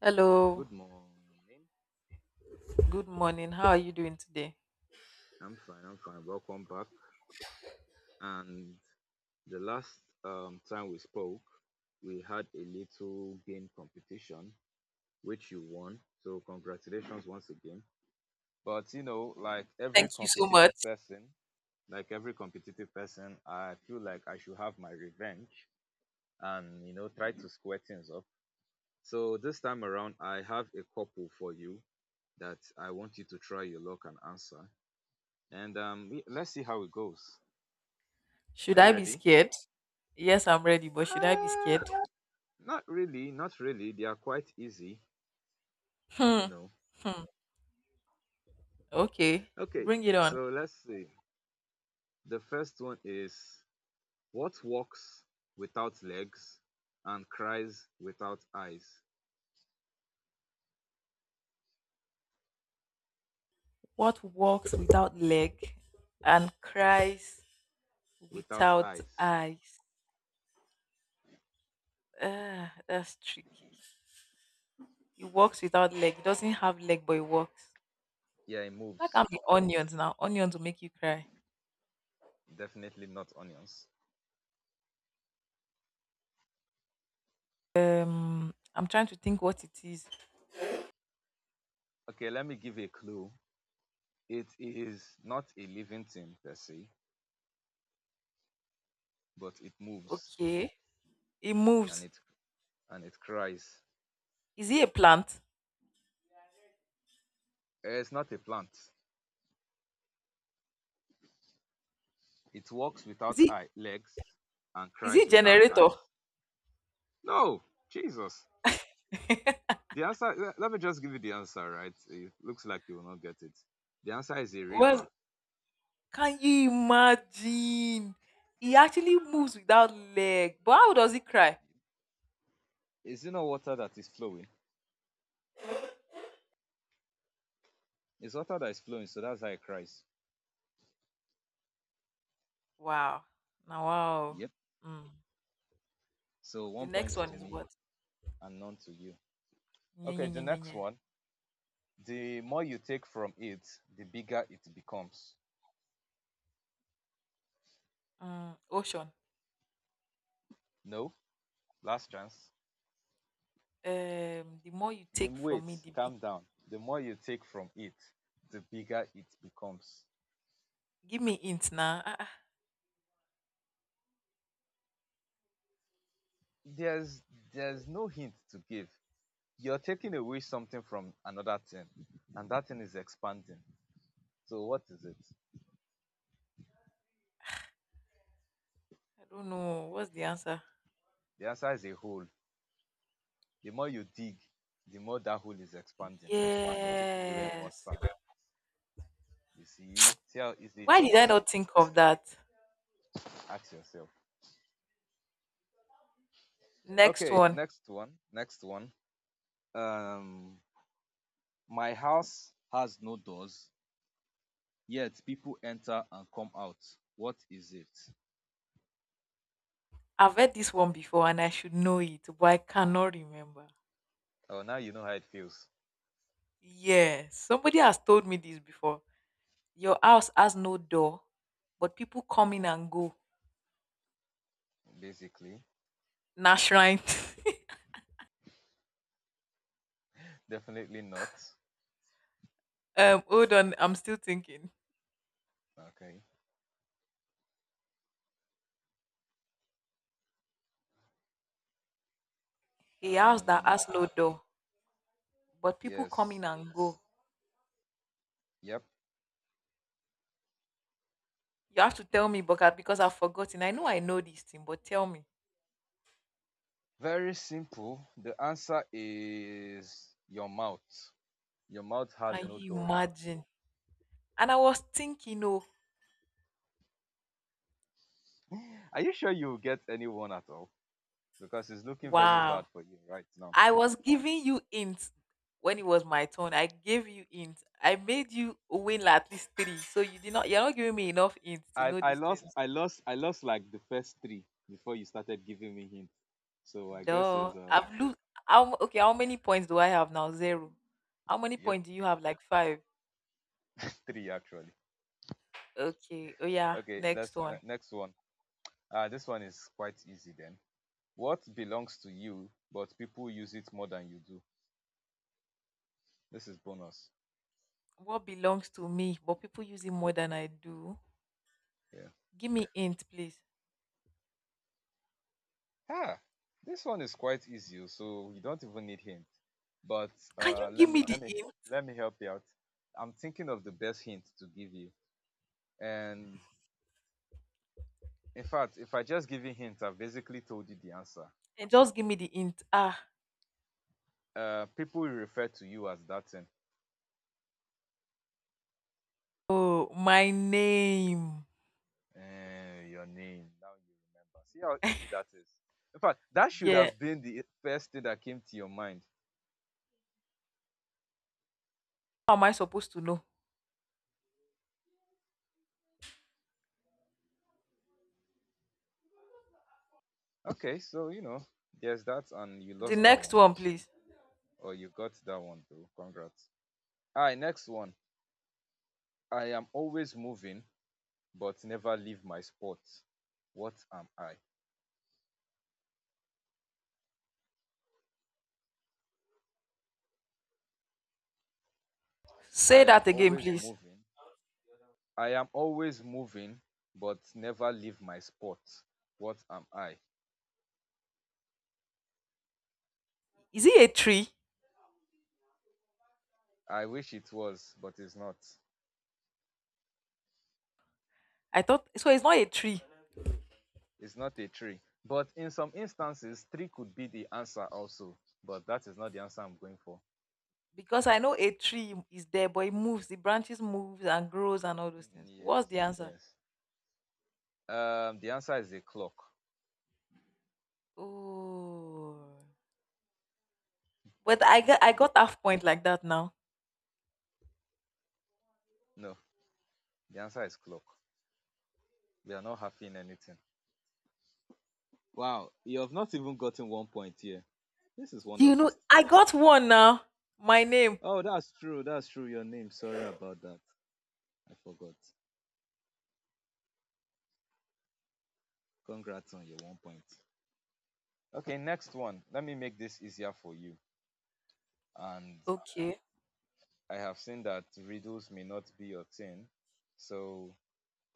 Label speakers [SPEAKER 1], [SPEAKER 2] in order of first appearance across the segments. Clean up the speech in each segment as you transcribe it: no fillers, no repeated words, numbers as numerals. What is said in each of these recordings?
[SPEAKER 1] Hello,
[SPEAKER 2] Good morning.
[SPEAKER 1] good morning. How are you doing today?
[SPEAKER 2] I'm fine. I'm fine. Welcome back. And the last time we spoke, we had a little game competition, which you won. So, congratulations once again. But, you know, like
[SPEAKER 1] Thank
[SPEAKER 2] every
[SPEAKER 1] you so
[SPEAKER 2] competitive
[SPEAKER 1] much.
[SPEAKER 2] person, I feel like I should have my revenge and, you know, try to square things up. So, this time around, I have a couple for you that I want you to try your luck and answer. And let's see how it goes. Are
[SPEAKER 1] Should
[SPEAKER 2] you
[SPEAKER 1] I be
[SPEAKER 2] ready?
[SPEAKER 1] scared? Yes, I'm ready, but should I be
[SPEAKER 2] Uh,
[SPEAKER 1] scared?
[SPEAKER 2] Not really, not really. They are quite easy, you
[SPEAKER 1] Hmm,
[SPEAKER 2] know.
[SPEAKER 1] hmm. Okay,
[SPEAKER 2] Okay,
[SPEAKER 1] bring it on.
[SPEAKER 2] so let's see. The first one is what walks without legs and cries without eyes?
[SPEAKER 1] What walks without leg and cries
[SPEAKER 2] Without
[SPEAKER 1] without
[SPEAKER 2] eyes.
[SPEAKER 1] eyes? Ah, that's tricky. It walks without leg. It doesn't have leg, but it walks.
[SPEAKER 2] Yeah, it
[SPEAKER 1] That
[SPEAKER 2] moves.
[SPEAKER 1] can be onions now. Onions will make you cry.
[SPEAKER 2] Definitely not onions.
[SPEAKER 1] I'm trying to think what it is.
[SPEAKER 2] Okay, let me give a clue. It is not a living thing per se, but it moves
[SPEAKER 1] Okay, it
[SPEAKER 2] and
[SPEAKER 1] moves.
[SPEAKER 2] it and it cries.
[SPEAKER 1] Is it a plant?
[SPEAKER 2] It's not a plant. It walks
[SPEAKER 1] Is
[SPEAKER 2] without
[SPEAKER 1] it
[SPEAKER 2] eye legs and
[SPEAKER 1] is
[SPEAKER 2] cries
[SPEAKER 1] it
[SPEAKER 2] without
[SPEAKER 1] generator?
[SPEAKER 2] eyes. No, Jesus. The answer, let me just give you the answer, right? It looks like you will not get it. The answer is a
[SPEAKER 1] Well,
[SPEAKER 2] river.
[SPEAKER 1] can you imagine? He actually moves without leg. But how does he cry?
[SPEAKER 2] Is it not water that is flowing? It's water that is flowing, so that's how it cries.
[SPEAKER 1] Wow. Now wow.
[SPEAKER 2] Yep.
[SPEAKER 1] Mm.
[SPEAKER 2] So
[SPEAKER 1] The
[SPEAKER 2] 1 point
[SPEAKER 1] next
[SPEAKER 2] to
[SPEAKER 1] one is
[SPEAKER 2] me
[SPEAKER 1] what?
[SPEAKER 2] and none to you.
[SPEAKER 1] Yeah,
[SPEAKER 2] Okay,
[SPEAKER 1] yeah,
[SPEAKER 2] the
[SPEAKER 1] yeah, yeah,
[SPEAKER 2] next
[SPEAKER 1] yeah.
[SPEAKER 2] one. The more you take from it, the bigger it becomes.
[SPEAKER 1] Ocean.
[SPEAKER 2] No, last chance.
[SPEAKER 1] The more you
[SPEAKER 2] The
[SPEAKER 1] take from
[SPEAKER 2] Wait,
[SPEAKER 1] me, the big.
[SPEAKER 2] calm down. The more you take from it, the bigger it becomes.
[SPEAKER 1] Give me hint now.
[SPEAKER 2] There's there's no hint to give. You're taking away something from another thing, and that thing is expanding. So what is it?
[SPEAKER 1] I don't know. What's the answer?
[SPEAKER 2] The answer is a hole. The more you dig, the more that hole is expanding, and you're taking away more
[SPEAKER 1] Yes.
[SPEAKER 2] sand. You see? See how easy
[SPEAKER 1] Why
[SPEAKER 2] it
[SPEAKER 1] did I
[SPEAKER 2] is?
[SPEAKER 1] not think of that?
[SPEAKER 2] Ask yourself.
[SPEAKER 1] Next
[SPEAKER 2] Okay,
[SPEAKER 1] one.
[SPEAKER 2] next one. Next one. Um, my house has no doors, yet people enter and come out. What is it?
[SPEAKER 1] I've heard this one before and I should know it, but I cannot remember.
[SPEAKER 2] Oh, now you know how it feels.
[SPEAKER 1] Yeah, somebody has told me this before. Your house has no door, but people come
[SPEAKER 2] Yeah,
[SPEAKER 1] in and go.
[SPEAKER 2] basically.
[SPEAKER 1] Nash right.
[SPEAKER 2] Definitely not.
[SPEAKER 1] Hold on, I'm still thinking.
[SPEAKER 2] Okay.
[SPEAKER 1] A house that
[SPEAKER 2] Um,
[SPEAKER 1] has no door, but people come
[SPEAKER 2] Yes.
[SPEAKER 1] in and go.
[SPEAKER 2] Yep.
[SPEAKER 1] You have to tell me, Bogat, because I've forgotten. I know this thing, but tell me,
[SPEAKER 2] Very simple. The answer is your mouth. Your mouth has
[SPEAKER 1] can
[SPEAKER 2] no
[SPEAKER 1] you
[SPEAKER 2] doors.
[SPEAKER 1] imagine? And I was thinking, oh,
[SPEAKER 2] Are you sure you will get anyone at all? Because it's looking very bad
[SPEAKER 1] wow.
[SPEAKER 2] for you right now.
[SPEAKER 1] I was giving you hints when it was my turn. I gave you hints. I made you win at least three, so you did not. You're not giving me enough hints to
[SPEAKER 2] I,
[SPEAKER 1] know
[SPEAKER 2] I
[SPEAKER 1] this thing.
[SPEAKER 2] lost I lost I lost like the first three before you started giving me hints. So I guess
[SPEAKER 1] Duh.
[SPEAKER 2] is
[SPEAKER 1] I've lose. Okay, how many points do I have now? Zero. How many
[SPEAKER 2] yep,
[SPEAKER 1] points do you have? Like five.
[SPEAKER 2] three actually.
[SPEAKER 1] Okay. Oh, yeah.
[SPEAKER 2] Okay,
[SPEAKER 1] Next
[SPEAKER 2] let's
[SPEAKER 1] one.
[SPEAKER 2] next one. This one is quite easy then. What belongs to you but people use it more than you do? This is bonus.
[SPEAKER 1] What belongs to me, but people use it more than I do?
[SPEAKER 2] Yeah.
[SPEAKER 1] Give me int, please.
[SPEAKER 2] Ah, this one is quite easy, oh, so you don't even need hint. But
[SPEAKER 1] Can you
[SPEAKER 2] uh, let
[SPEAKER 1] give
[SPEAKER 2] me
[SPEAKER 1] me the
[SPEAKER 2] let me
[SPEAKER 1] int?
[SPEAKER 2] let me help you out. I'm thinking of the best hint to give you. And in fact, if I just give you hint, I've basically told you the answer.
[SPEAKER 1] And just give me the int. Ah.
[SPEAKER 2] People will refer to you as that thing.
[SPEAKER 1] Oh, my name.
[SPEAKER 2] Your name. Now you remember. See how easy that is. In fact, that should
[SPEAKER 1] Yeah.
[SPEAKER 2] have been the first thing that came to your mind.
[SPEAKER 1] How am I supposed to know?
[SPEAKER 2] Okay, so you know, there's that, and you
[SPEAKER 1] The
[SPEAKER 2] lost that
[SPEAKER 1] next
[SPEAKER 2] one
[SPEAKER 1] one,
[SPEAKER 2] also,
[SPEAKER 1] please.
[SPEAKER 2] or you got that one though. Congrats. All right, next one. I am always moving but never leave my spot. What am I?
[SPEAKER 1] Say
[SPEAKER 2] I am
[SPEAKER 1] that again,
[SPEAKER 2] always
[SPEAKER 1] please.
[SPEAKER 2] moving. I am always moving but never leave my spot. What am I?
[SPEAKER 1] Is it a tree?
[SPEAKER 2] I wish it was, but it's not.
[SPEAKER 1] I thought so. It's not a tree.
[SPEAKER 2] It's not a tree, but in some instances tree could be the answer also. But that is not the answer I'm going for.
[SPEAKER 1] Because I know a tree is there, but it moves, the branches moves and grows and all those
[SPEAKER 2] Mm,
[SPEAKER 1] things. What's
[SPEAKER 2] yes,
[SPEAKER 1] the answer?
[SPEAKER 2] yes. The answer is a clock.
[SPEAKER 1] Oh, but I got
[SPEAKER 2] Mm,
[SPEAKER 1] I got half point like that now.
[SPEAKER 2] no, the answer is clock. We are not happy in anything. Wow, you have not even gotten 1 point here. This is
[SPEAKER 1] You know,
[SPEAKER 2] wonderful.
[SPEAKER 1] I got one now. My name.
[SPEAKER 2] Oh, that's true. That's true. Your name. Sorry about that. I forgot. Congrats on your 1 point. Okay, next one. Let me make this easier for you. And
[SPEAKER 1] Okay,
[SPEAKER 2] I have seen that riddles may not be your thing. So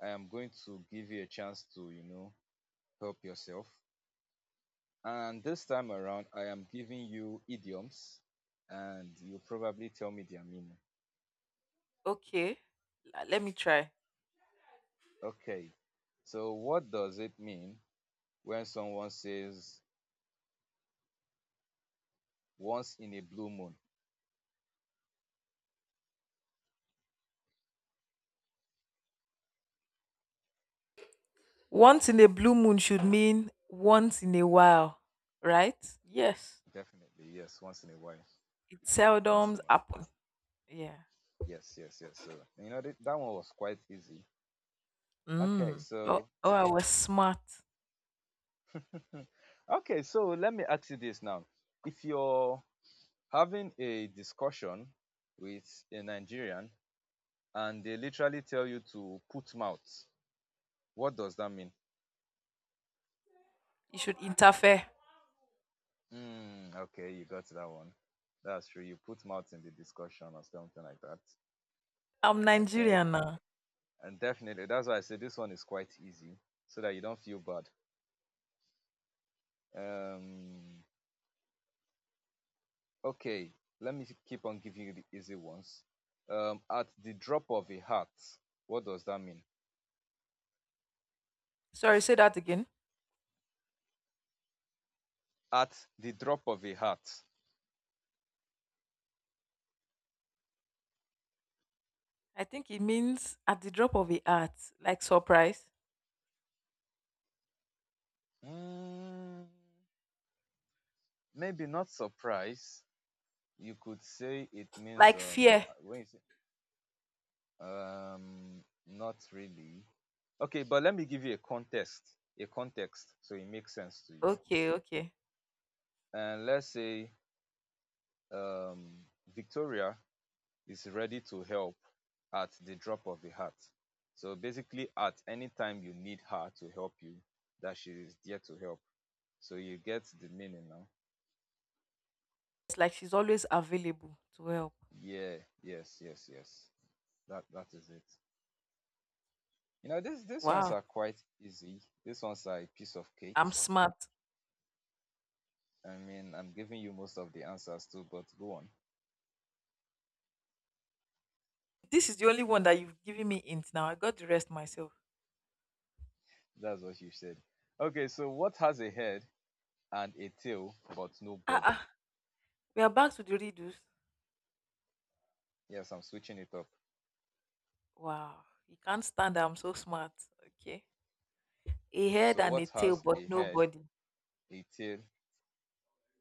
[SPEAKER 2] I am going to give you a chance to, you know, help yourself. And this time around, I am giving you idioms and you probably tell me their meaning.
[SPEAKER 1] okay. Let me try.
[SPEAKER 2] Okay. So what does it mean when someone says once in a blue moon?
[SPEAKER 1] Once in a blue moon should mean once in a while, right? Yes.
[SPEAKER 2] Definitely, yes. Once in a while.
[SPEAKER 1] It
[SPEAKER 2] Once in a
[SPEAKER 1] seldom
[SPEAKER 2] while.
[SPEAKER 1] happen. Yeah.
[SPEAKER 2] Yes, yes, yes. So you know that one was quite easy. Okay,
[SPEAKER 1] Mm. Oh,
[SPEAKER 2] so
[SPEAKER 1] oh, I was smart.
[SPEAKER 2] let me ask you this now. If you're having a discussion with a Nigerian and they literally tell you to put mouth, what does that mean?
[SPEAKER 1] You should interfere.
[SPEAKER 2] Mm, okay, you got that one. That's true. You put mouth in the discussion or something like that.
[SPEAKER 1] I'm
[SPEAKER 2] Okay.
[SPEAKER 1] Nigerian now.
[SPEAKER 2] And definitely that's why I say this one is quite easy so that you don't feel bad. Um Okay, let me keep on giving you the easy ones. At the drop of a hat, what does that mean?
[SPEAKER 1] Sorry, say that again.
[SPEAKER 2] At the drop of a hat,
[SPEAKER 1] I think it means at the drop of a hat, like surprise,
[SPEAKER 2] mm, maybe not surprise. You could say it means
[SPEAKER 1] like fear.
[SPEAKER 2] when you say not really. Okay, but let me give you a context, so it makes sense to you.
[SPEAKER 1] Okay, okay.
[SPEAKER 2] And let's say um, Victoria is ready to help at the drop of a hat. So basically, at any time you need her to help you, that she is there to help. So you get the meaning now.
[SPEAKER 1] It's like she's always available to help.
[SPEAKER 2] Yeah, yes, yes, yes. That is it. You know, this. These ones
[SPEAKER 1] Wow,
[SPEAKER 2] are quite easy. These ones are a piece of
[SPEAKER 1] I'm
[SPEAKER 2] cake.
[SPEAKER 1] smart.
[SPEAKER 2] I mean, I'm giving you most of the answers too, but go on.
[SPEAKER 1] This is the only one that you've given me int now. I got the rest myself.
[SPEAKER 2] That's what you said. Okay, so what has a head and a tail but no
[SPEAKER 1] Ah,
[SPEAKER 2] body?
[SPEAKER 1] ah. We are back to the riddles.
[SPEAKER 2] Yes, I'm switching it up.
[SPEAKER 1] Wow, you can't stand that I'm so smart. Okay. A head
[SPEAKER 2] So
[SPEAKER 1] and
[SPEAKER 2] what
[SPEAKER 1] a tail,
[SPEAKER 2] has
[SPEAKER 1] but
[SPEAKER 2] a
[SPEAKER 1] no
[SPEAKER 2] head,
[SPEAKER 1] body.
[SPEAKER 2] a tail,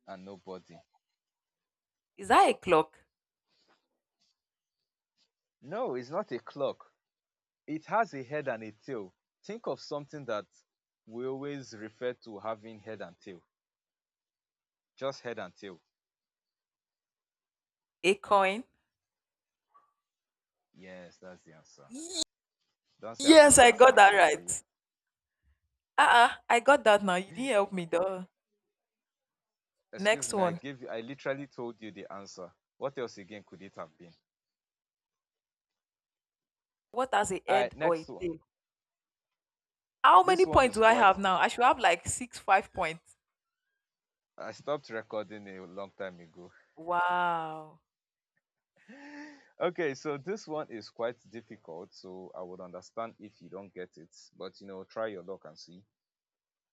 [SPEAKER 2] and no body?
[SPEAKER 1] Is that a clock?
[SPEAKER 2] No, it's not a clock. It has a head and a tail. Think of something that we always refer to having head and tail. Just head and tail.
[SPEAKER 1] A coin?
[SPEAKER 2] Yes, that's the answer. Don't say I've
[SPEAKER 1] Yes,
[SPEAKER 2] not
[SPEAKER 1] I
[SPEAKER 2] done
[SPEAKER 1] got that
[SPEAKER 2] anything for you.
[SPEAKER 1] right. Ah, ah. I got that now. You didn't help me, though.
[SPEAKER 2] Excuse
[SPEAKER 1] Next
[SPEAKER 2] me,
[SPEAKER 1] one.
[SPEAKER 2] I literally told you the answer. What else again could it have been?
[SPEAKER 1] What has a
[SPEAKER 2] Alright,
[SPEAKER 1] head or
[SPEAKER 2] next
[SPEAKER 1] a
[SPEAKER 2] one.
[SPEAKER 1] tail? How many
[SPEAKER 2] This one
[SPEAKER 1] points
[SPEAKER 2] is
[SPEAKER 1] do I
[SPEAKER 2] quite
[SPEAKER 1] have now? I should have like six, 5 points.
[SPEAKER 2] I stopped recording a long time ago.
[SPEAKER 1] Wow.
[SPEAKER 2] Okay, so this one is quite difficult, so I would understand if you don't get it, but you know, try your luck and see.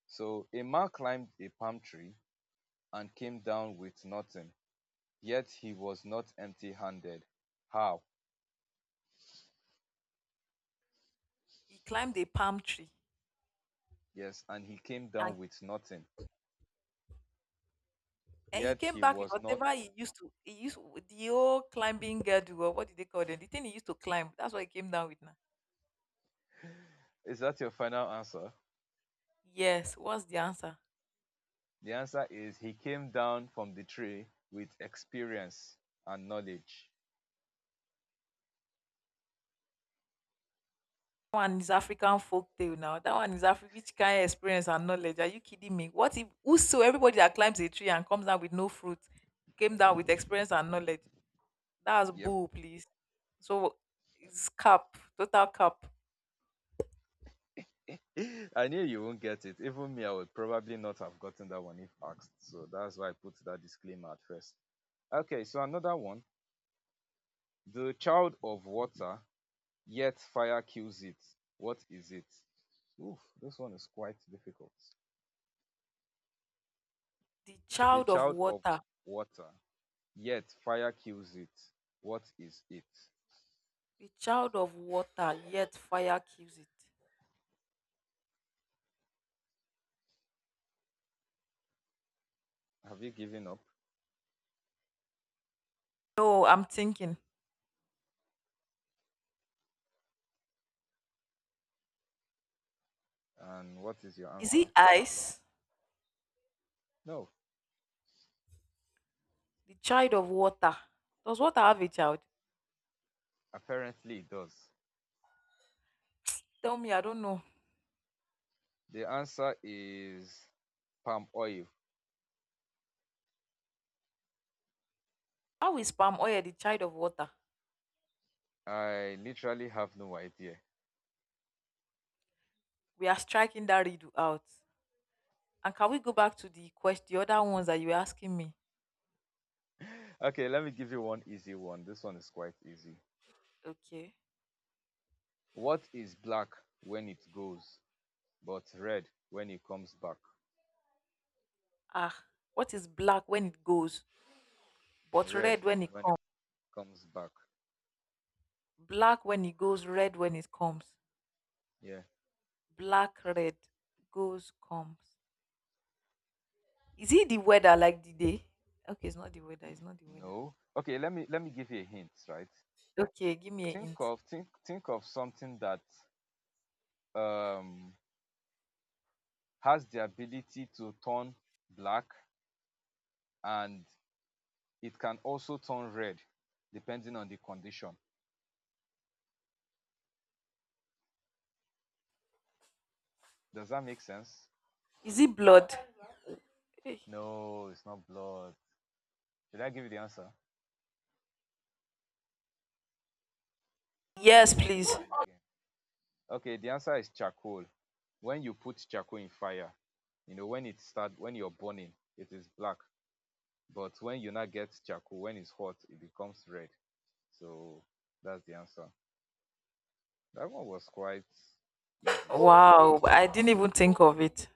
[SPEAKER 2] So a man climbed a palm tree and came down with nothing, yet he was not empty handed. How?
[SPEAKER 1] He climbed a palm tree
[SPEAKER 2] Yes, and he came
[SPEAKER 1] and
[SPEAKER 2] down with nothing,
[SPEAKER 1] and he
[SPEAKER 2] yet
[SPEAKER 1] came
[SPEAKER 2] he
[SPEAKER 1] back with
[SPEAKER 2] was not.
[SPEAKER 1] whatever he used to he used the old climbing girdle or what did they call them? The thing he used to climb. That's what he came down with now.
[SPEAKER 2] Is that your final answer?
[SPEAKER 1] Yes. What's the answer?
[SPEAKER 2] The answer is he came down from the tree with experience and knowledge.
[SPEAKER 1] That one is African folk tale now. That one is African which kind of experience and knowledge. Are you kidding me? What if whoso everybody that climbs a tree and comes down with no fruit came down with experience and knowledge? That's
[SPEAKER 2] Yep.
[SPEAKER 1] bull, please. So it's cap, total cap.
[SPEAKER 2] I knew you won't get it. Even me, I would probably not have gotten that one if asked. So that's why I put that disclaimer at first. Okay, so another one. The child of water. Yet fire kills it. What is it? Oof, this one is quite difficult.
[SPEAKER 1] The
[SPEAKER 2] The
[SPEAKER 1] child of
[SPEAKER 2] child of
[SPEAKER 1] water,
[SPEAKER 2] water. Yet fire kills it. What is it?
[SPEAKER 1] the child of water, yet fire kills it.
[SPEAKER 2] Have you given up?
[SPEAKER 1] No, I'm thinking.
[SPEAKER 2] And what is your
[SPEAKER 1] Is it
[SPEAKER 2] answer?
[SPEAKER 1] ice?
[SPEAKER 2] No,
[SPEAKER 1] The child of water. Does water have a child?
[SPEAKER 2] apparently it does.
[SPEAKER 1] Tell me, I don't know.
[SPEAKER 2] The answer is palm oil.
[SPEAKER 1] How is palm oil the child of water?
[SPEAKER 2] I literally have no idea.
[SPEAKER 1] We are striking that riddle out. And can we go back to the question, the other ones that you were asking me?
[SPEAKER 2] Okay, let me give you one easy one. This one is quite easy.
[SPEAKER 1] Okay.
[SPEAKER 2] What is black when it goes, but red when it comes back?
[SPEAKER 1] Ah, what is black when it goes, but
[SPEAKER 2] Red
[SPEAKER 1] red when it
[SPEAKER 2] when it
[SPEAKER 1] comes?
[SPEAKER 2] comes back.
[SPEAKER 1] Black when it goes, red when it comes.
[SPEAKER 2] Yeah.
[SPEAKER 1] Black, red, goes, comes. Is it the weather like the day? Okay, it's not the weather. It's not the weather.
[SPEAKER 2] No. Okay, let me give you a hint, right?
[SPEAKER 1] Okay, give me a
[SPEAKER 2] Think
[SPEAKER 1] hint.
[SPEAKER 2] of think think of something that um has the ability to turn black and it can also turn red depending on the condition. Does that make sense?
[SPEAKER 1] Is it blood? Eh,
[SPEAKER 2] No, it's not blood. Should I give you the answer or do
[SPEAKER 1] Yes,
[SPEAKER 2] you want to
[SPEAKER 1] please.
[SPEAKER 2] try again? Okay, the answer is charcoal. When you put charcoal in fire, when it start when you're burning, it is black. But when you now get charcoal, when it's hot, it becomes red. So that's the answer. That one was quite easy somehow.
[SPEAKER 1] Wow, I didn't even think of it.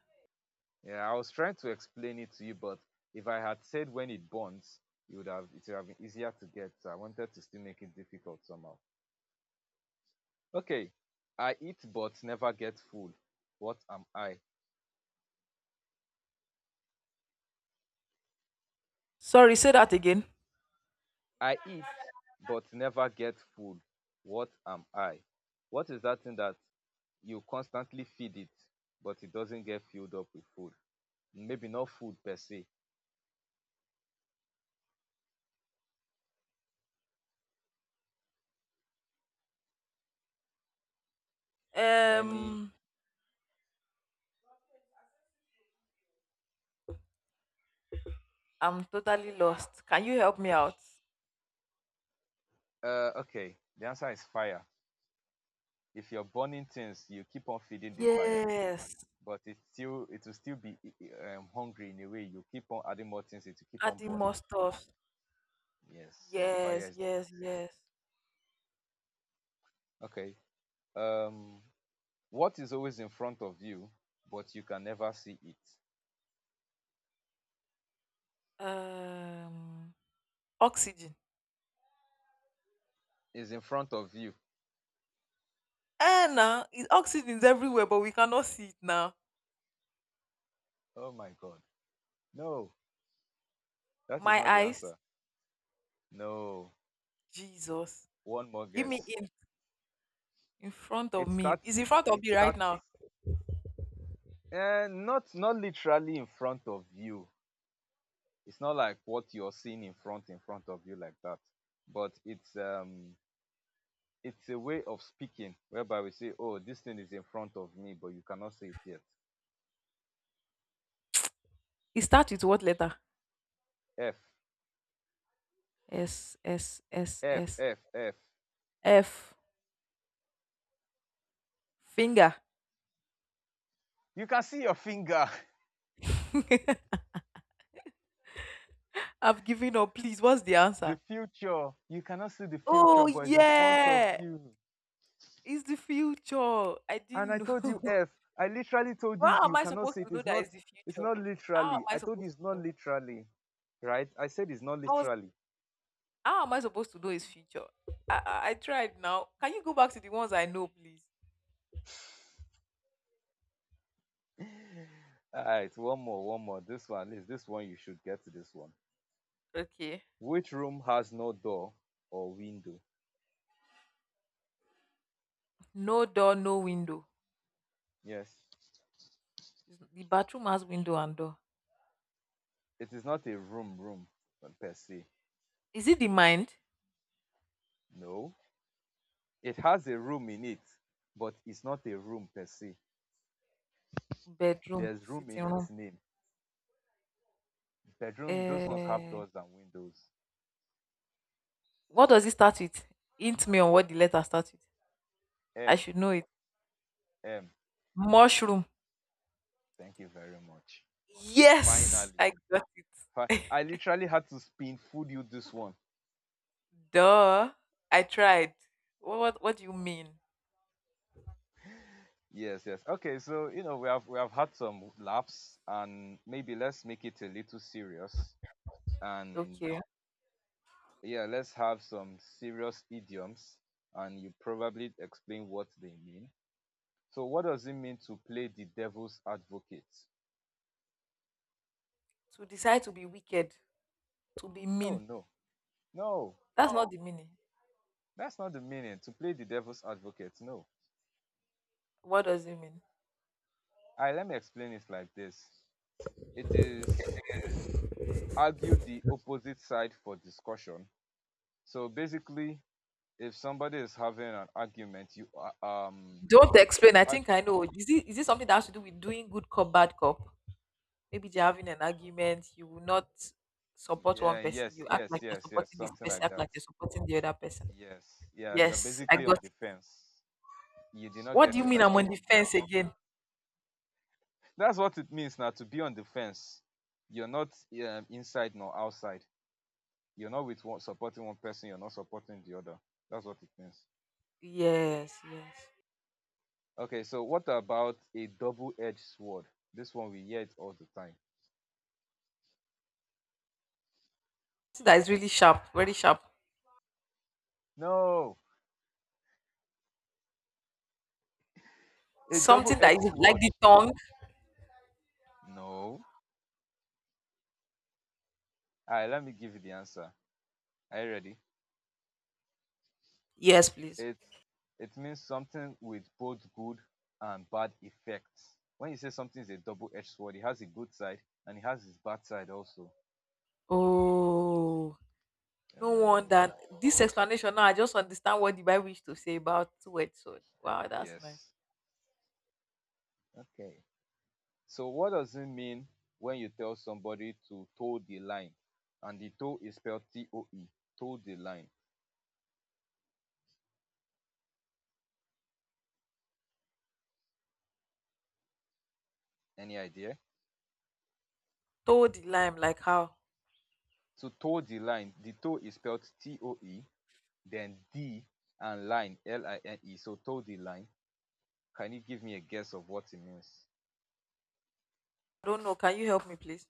[SPEAKER 2] Yeah, I was trying to explain it to you, but if I had said when it burns, it would have been easier to get. So I wanted to still make it difficult somehow. Okay. I eat but never get full. What am I?
[SPEAKER 1] Sorry, say that again.
[SPEAKER 2] I eat but never get full. What am I? What is that thing that you constantly feed it, but it doesn't get filled up with food? Maybe not food per se, any
[SPEAKER 1] Um, I'm totally lost. Can you help me out?
[SPEAKER 2] okay, the answer is fire. If you're burning things, you keep on feeding the fire,
[SPEAKER 1] Yes,
[SPEAKER 2] but it will still be hungry in a way. You keep on adding more things, it will keep on
[SPEAKER 1] adding more
[SPEAKER 2] burning.
[SPEAKER 1] stuff.
[SPEAKER 2] Yes, so fire
[SPEAKER 1] Yes,
[SPEAKER 2] is the
[SPEAKER 1] yes,
[SPEAKER 2] answer.
[SPEAKER 1] yes.
[SPEAKER 2] Okay, um what is always in front of you but you can never see it?
[SPEAKER 1] Um, oxygen.
[SPEAKER 2] Is in front of you?
[SPEAKER 1] Now it oxygen is everywhere, but we cannot see it now.
[SPEAKER 2] Oh my god. No, that is
[SPEAKER 1] My
[SPEAKER 2] not the
[SPEAKER 1] eyes,
[SPEAKER 2] answer. No.
[SPEAKER 1] Jesus.
[SPEAKER 2] One more
[SPEAKER 1] Give me
[SPEAKER 2] guess.
[SPEAKER 1] In front of
[SPEAKER 2] it
[SPEAKER 1] me.
[SPEAKER 2] starts
[SPEAKER 1] It's in front of
[SPEAKER 2] it
[SPEAKER 1] me right
[SPEAKER 2] starts
[SPEAKER 1] now.
[SPEAKER 2] Not literally in front of you. It's not like what you're seeing in front of you like that. But it's a way of speaking whereby we say, "Oh, this thing is in front of me, but you cannot see it yet."
[SPEAKER 1] It starts with what letter?
[SPEAKER 2] F
[SPEAKER 1] S, S, S,
[SPEAKER 2] F
[SPEAKER 1] S,
[SPEAKER 2] F F.
[SPEAKER 1] F. Finger.
[SPEAKER 2] You can see your finger.
[SPEAKER 1] I've given up. Please, what's the
[SPEAKER 2] The
[SPEAKER 1] answer?
[SPEAKER 2] future. You cannot see the future,
[SPEAKER 1] Oh,
[SPEAKER 2] but it's in front of
[SPEAKER 1] yeah.
[SPEAKER 2] you.
[SPEAKER 1] It's the future. I
[SPEAKER 2] And I
[SPEAKER 1] didn't
[SPEAKER 2] told
[SPEAKER 1] know.
[SPEAKER 2] you F. I literally told you
[SPEAKER 1] How
[SPEAKER 2] you
[SPEAKER 1] am I
[SPEAKER 2] cannot
[SPEAKER 1] supposed
[SPEAKER 2] see it.
[SPEAKER 1] to know
[SPEAKER 2] It's
[SPEAKER 1] that
[SPEAKER 2] not
[SPEAKER 1] it's the
[SPEAKER 2] it's
[SPEAKER 1] future?
[SPEAKER 2] not
[SPEAKER 1] How am
[SPEAKER 2] literally.
[SPEAKER 1] I
[SPEAKER 2] I told you
[SPEAKER 1] supposed
[SPEAKER 2] it's
[SPEAKER 1] to
[SPEAKER 2] not
[SPEAKER 1] know?
[SPEAKER 2] literally, right? I said it's not
[SPEAKER 1] I was,
[SPEAKER 2] literally.
[SPEAKER 1] how am I supposed to know it's future? I tried now. Can you go back to the ones I know, please?
[SPEAKER 2] All right, one more, one more. This one, at least this one, you should get to this one.
[SPEAKER 1] Okay.
[SPEAKER 2] Which room has no door or window?
[SPEAKER 1] No door, no window.
[SPEAKER 2] Yes,
[SPEAKER 1] The bathroom has window and door.
[SPEAKER 2] it is not a room per se.
[SPEAKER 1] Is it the mind?
[SPEAKER 2] No, it has a room in it, but it's not a room per se.
[SPEAKER 1] Bedroom,
[SPEAKER 2] There's room in
[SPEAKER 1] sitting room.
[SPEAKER 2] its name. Bedroom, those ones have
[SPEAKER 1] Eh,
[SPEAKER 2] doors and windows.
[SPEAKER 1] what does it start with? Hint me on what the letter starts with. I
[SPEAKER 2] M,
[SPEAKER 1] should know it.
[SPEAKER 2] M,
[SPEAKER 1] Mushroom.
[SPEAKER 2] thank you very much.
[SPEAKER 1] Yes,
[SPEAKER 2] Finally,
[SPEAKER 1] I got it.
[SPEAKER 2] I literally had to spoon food you this one.
[SPEAKER 1] Duh, I tried. What do you mean?
[SPEAKER 2] Yes, yes. Okay, so you know we have had some laughs, and maybe let's make it a little serious, and
[SPEAKER 1] Okay.
[SPEAKER 2] yeah, let's have some serious idioms, and you probably explain what they mean. So, what does it mean to play the devil's advocate?
[SPEAKER 1] To decide to be wicked, to be
[SPEAKER 2] Oh
[SPEAKER 1] mean.
[SPEAKER 2] no, no,
[SPEAKER 1] That's not the meaning.
[SPEAKER 2] that's not the meaning. To play the devil's advocate, no.
[SPEAKER 1] What does it mean?
[SPEAKER 2] I let me explain it like this. It is argue the opposite side for discussion. So basically, if somebody is having an argument,
[SPEAKER 1] Don't explain.
[SPEAKER 2] you
[SPEAKER 1] I
[SPEAKER 2] arg-
[SPEAKER 1] think I know. Is it something that has to do with doing good cop, bad cop? Maybe they're having an argument. You will not support one
[SPEAKER 2] yeah,
[SPEAKER 1] person.
[SPEAKER 2] yes,
[SPEAKER 1] You act
[SPEAKER 2] yes,
[SPEAKER 1] like you're
[SPEAKER 2] yes, yes,
[SPEAKER 1] supporting this
[SPEAKER 2] something
[SPEAKER 1] person,
[SPEAKER 2] like
[SPEAKER 1] act
[SPEAKER 2] that.
[SPEAKER 1] like you're supporting the other person.
[SPEAKER 2] Yes, yeah, you're
[SPEAKER 1] Yes, I
[SPEAKER 2] basically
[SPEAKER 1] got
[SPEAKER 2] on the
[SPEAKER 1] it.
[SPEAKER 2] fence. You did not
[SPEAKER 1] What do
[SPEAKER 2] get
[SPEAKER 1] you
[SPEAKER 2] it.
[SPEAKER 1] mean
[SPEAKER 2] I
[SPEAKER 1] I'm on
[SPEAKER 2] told
[SPEAKER 1] the
[SPEAKER 2] you the
[SPEAKER 1] fence
[SPEAKER 2] answer.
[SPEAKER 1] again?
[SPEAKER 2] That's what it means now to be on the fence. You're not inside nor outside. You're not with one supporting one person. You're not supporting the other. That's what it means.
[SPEAKER 1] Yes, yes.
[SPEAKER 2] Okay, so what about a double-edged sword? This one we hear it all the time.
[SPEAKER 1] Something that is really sharp, very sharp.
[SPEAKER 2] No, a
[SPEAKER 1] Something that
[SPEAKER 2] double-edged
[SPEAKER 1] is like
[SPEAKER 2] sword.
[SPEAKER 1] the tongue.
[SPEAKER 2] No, all right, let me give you the answer. Are you ready?
[SPEAKER 1] Yes, please.
[SPEAKER 2] It's it means something with both good and bad effects. When you say something is a double-edged sword, it has a good side and it has its bad side also.
[SPEAKER 1] Oh, no wonder.
[SPEAKER 2] Oh,
[SPEAKER 1] This explanation now, I just understand what the Bible used to say about two-edged sword. Wow, that's nice.
[SPEAKER 2] yes. Okay. So what does it mean when you tell somebody to toe the line? And the toe is spelled toe, toe the line. Any idea?
[SPEAKER 1] Toe the lime, like how?
[SPEAKER 2] To toe the line, the toe is spelled toe, then D and line, line. So toe the line. Can you give me a guess of what it means?
[SPEAKER 1] I don't know. Can you help me, please?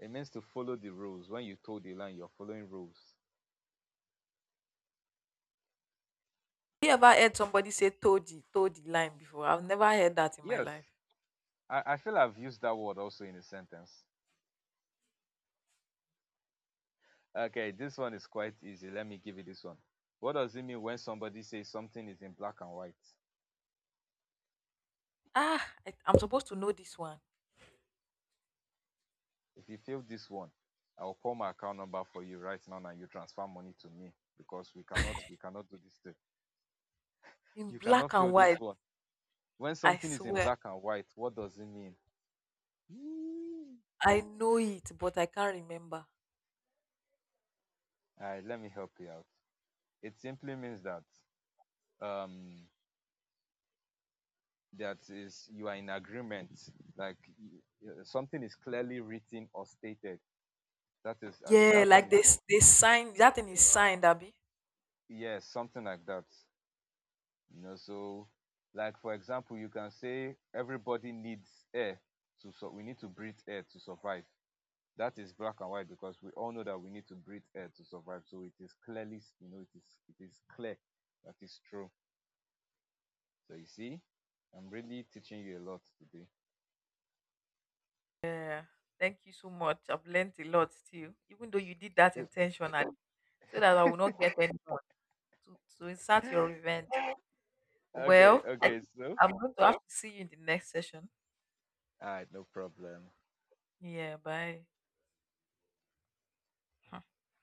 [SPEAKER 2] It means to follow the rules. When you toe the line, you're following rules.
[SPEAKER 1] You ever heard somebody say toe the line before? I've never heard that in my
[SPEAKER 2] Yes,
[SPEAKER 1] life.
[SPEAKER 2] I feel I've used that word also in a sentence. Okay, this one is quite easy. Let me give you this one. What does it mean when somebody says something is in black and white?
[SPEAKER 1] I'm supposed to know this one
[SPEAKER 2] If you fail this one, I'll call my account number for you right now and you transfer money to me because we cannot do this thing.
[SPEAKER 1] in
[SPEAKER 2] You cannot
[SPEAKER 1] black
[SPEAKER 2] fail
[SPEAKER 1] and white.
[SPEAKER 2] this one. When
[SPEAKER 1] I
[SPEAKER 2] something is in
[SPEAKER 1] swear,
[SPEAKER 2] black and white, what does it mean?
[SPEAKER 1] I know it, but I can't remember.
[SPEAKER 2] All right, let me help you out. It simply means that um, that is, you are in agreement, like y- something is clearly written or stated, that is, as in
[SPEAKER 1] Yeah,
[SPEAKER 2] that thing
[SPEAKER 1] like
[SPEAKER 2] is,
[SPEAKER 1] this, they signed that thing is signed, Abby.
[SPEAKER 2] yes, something like that, you know. So, like, for example, you can say everybody needs air to so we need to breathe air to survive. That is black and white, because we all know that we need to breathe air to survive, so it is clearly, you know, it is, it is clear, that is true. So you see, I'm really teaching you a lot today.
[SPEAKER 1] Yeah. Thank you so much. I've learned a lot still, even though you did
[SPEAKER 2] It-
[SPEAKER 1] that
[SPEAKER 2] it-
[SPEAKER 1] intentionally, so that I will not get anyone to insert your revenge.
[SPEAKER 2] Okay,
[SPEAKER 1] Well, I
[SPEAKER 2] okay.
[SPEAKER 1] think
[SPEAKER 2] So
[SPEAKER 1] I'm going to have to see you in the next session.
[SPEAKER 2] all right, no problem.
[SPEAKER 1] Yeah, bye.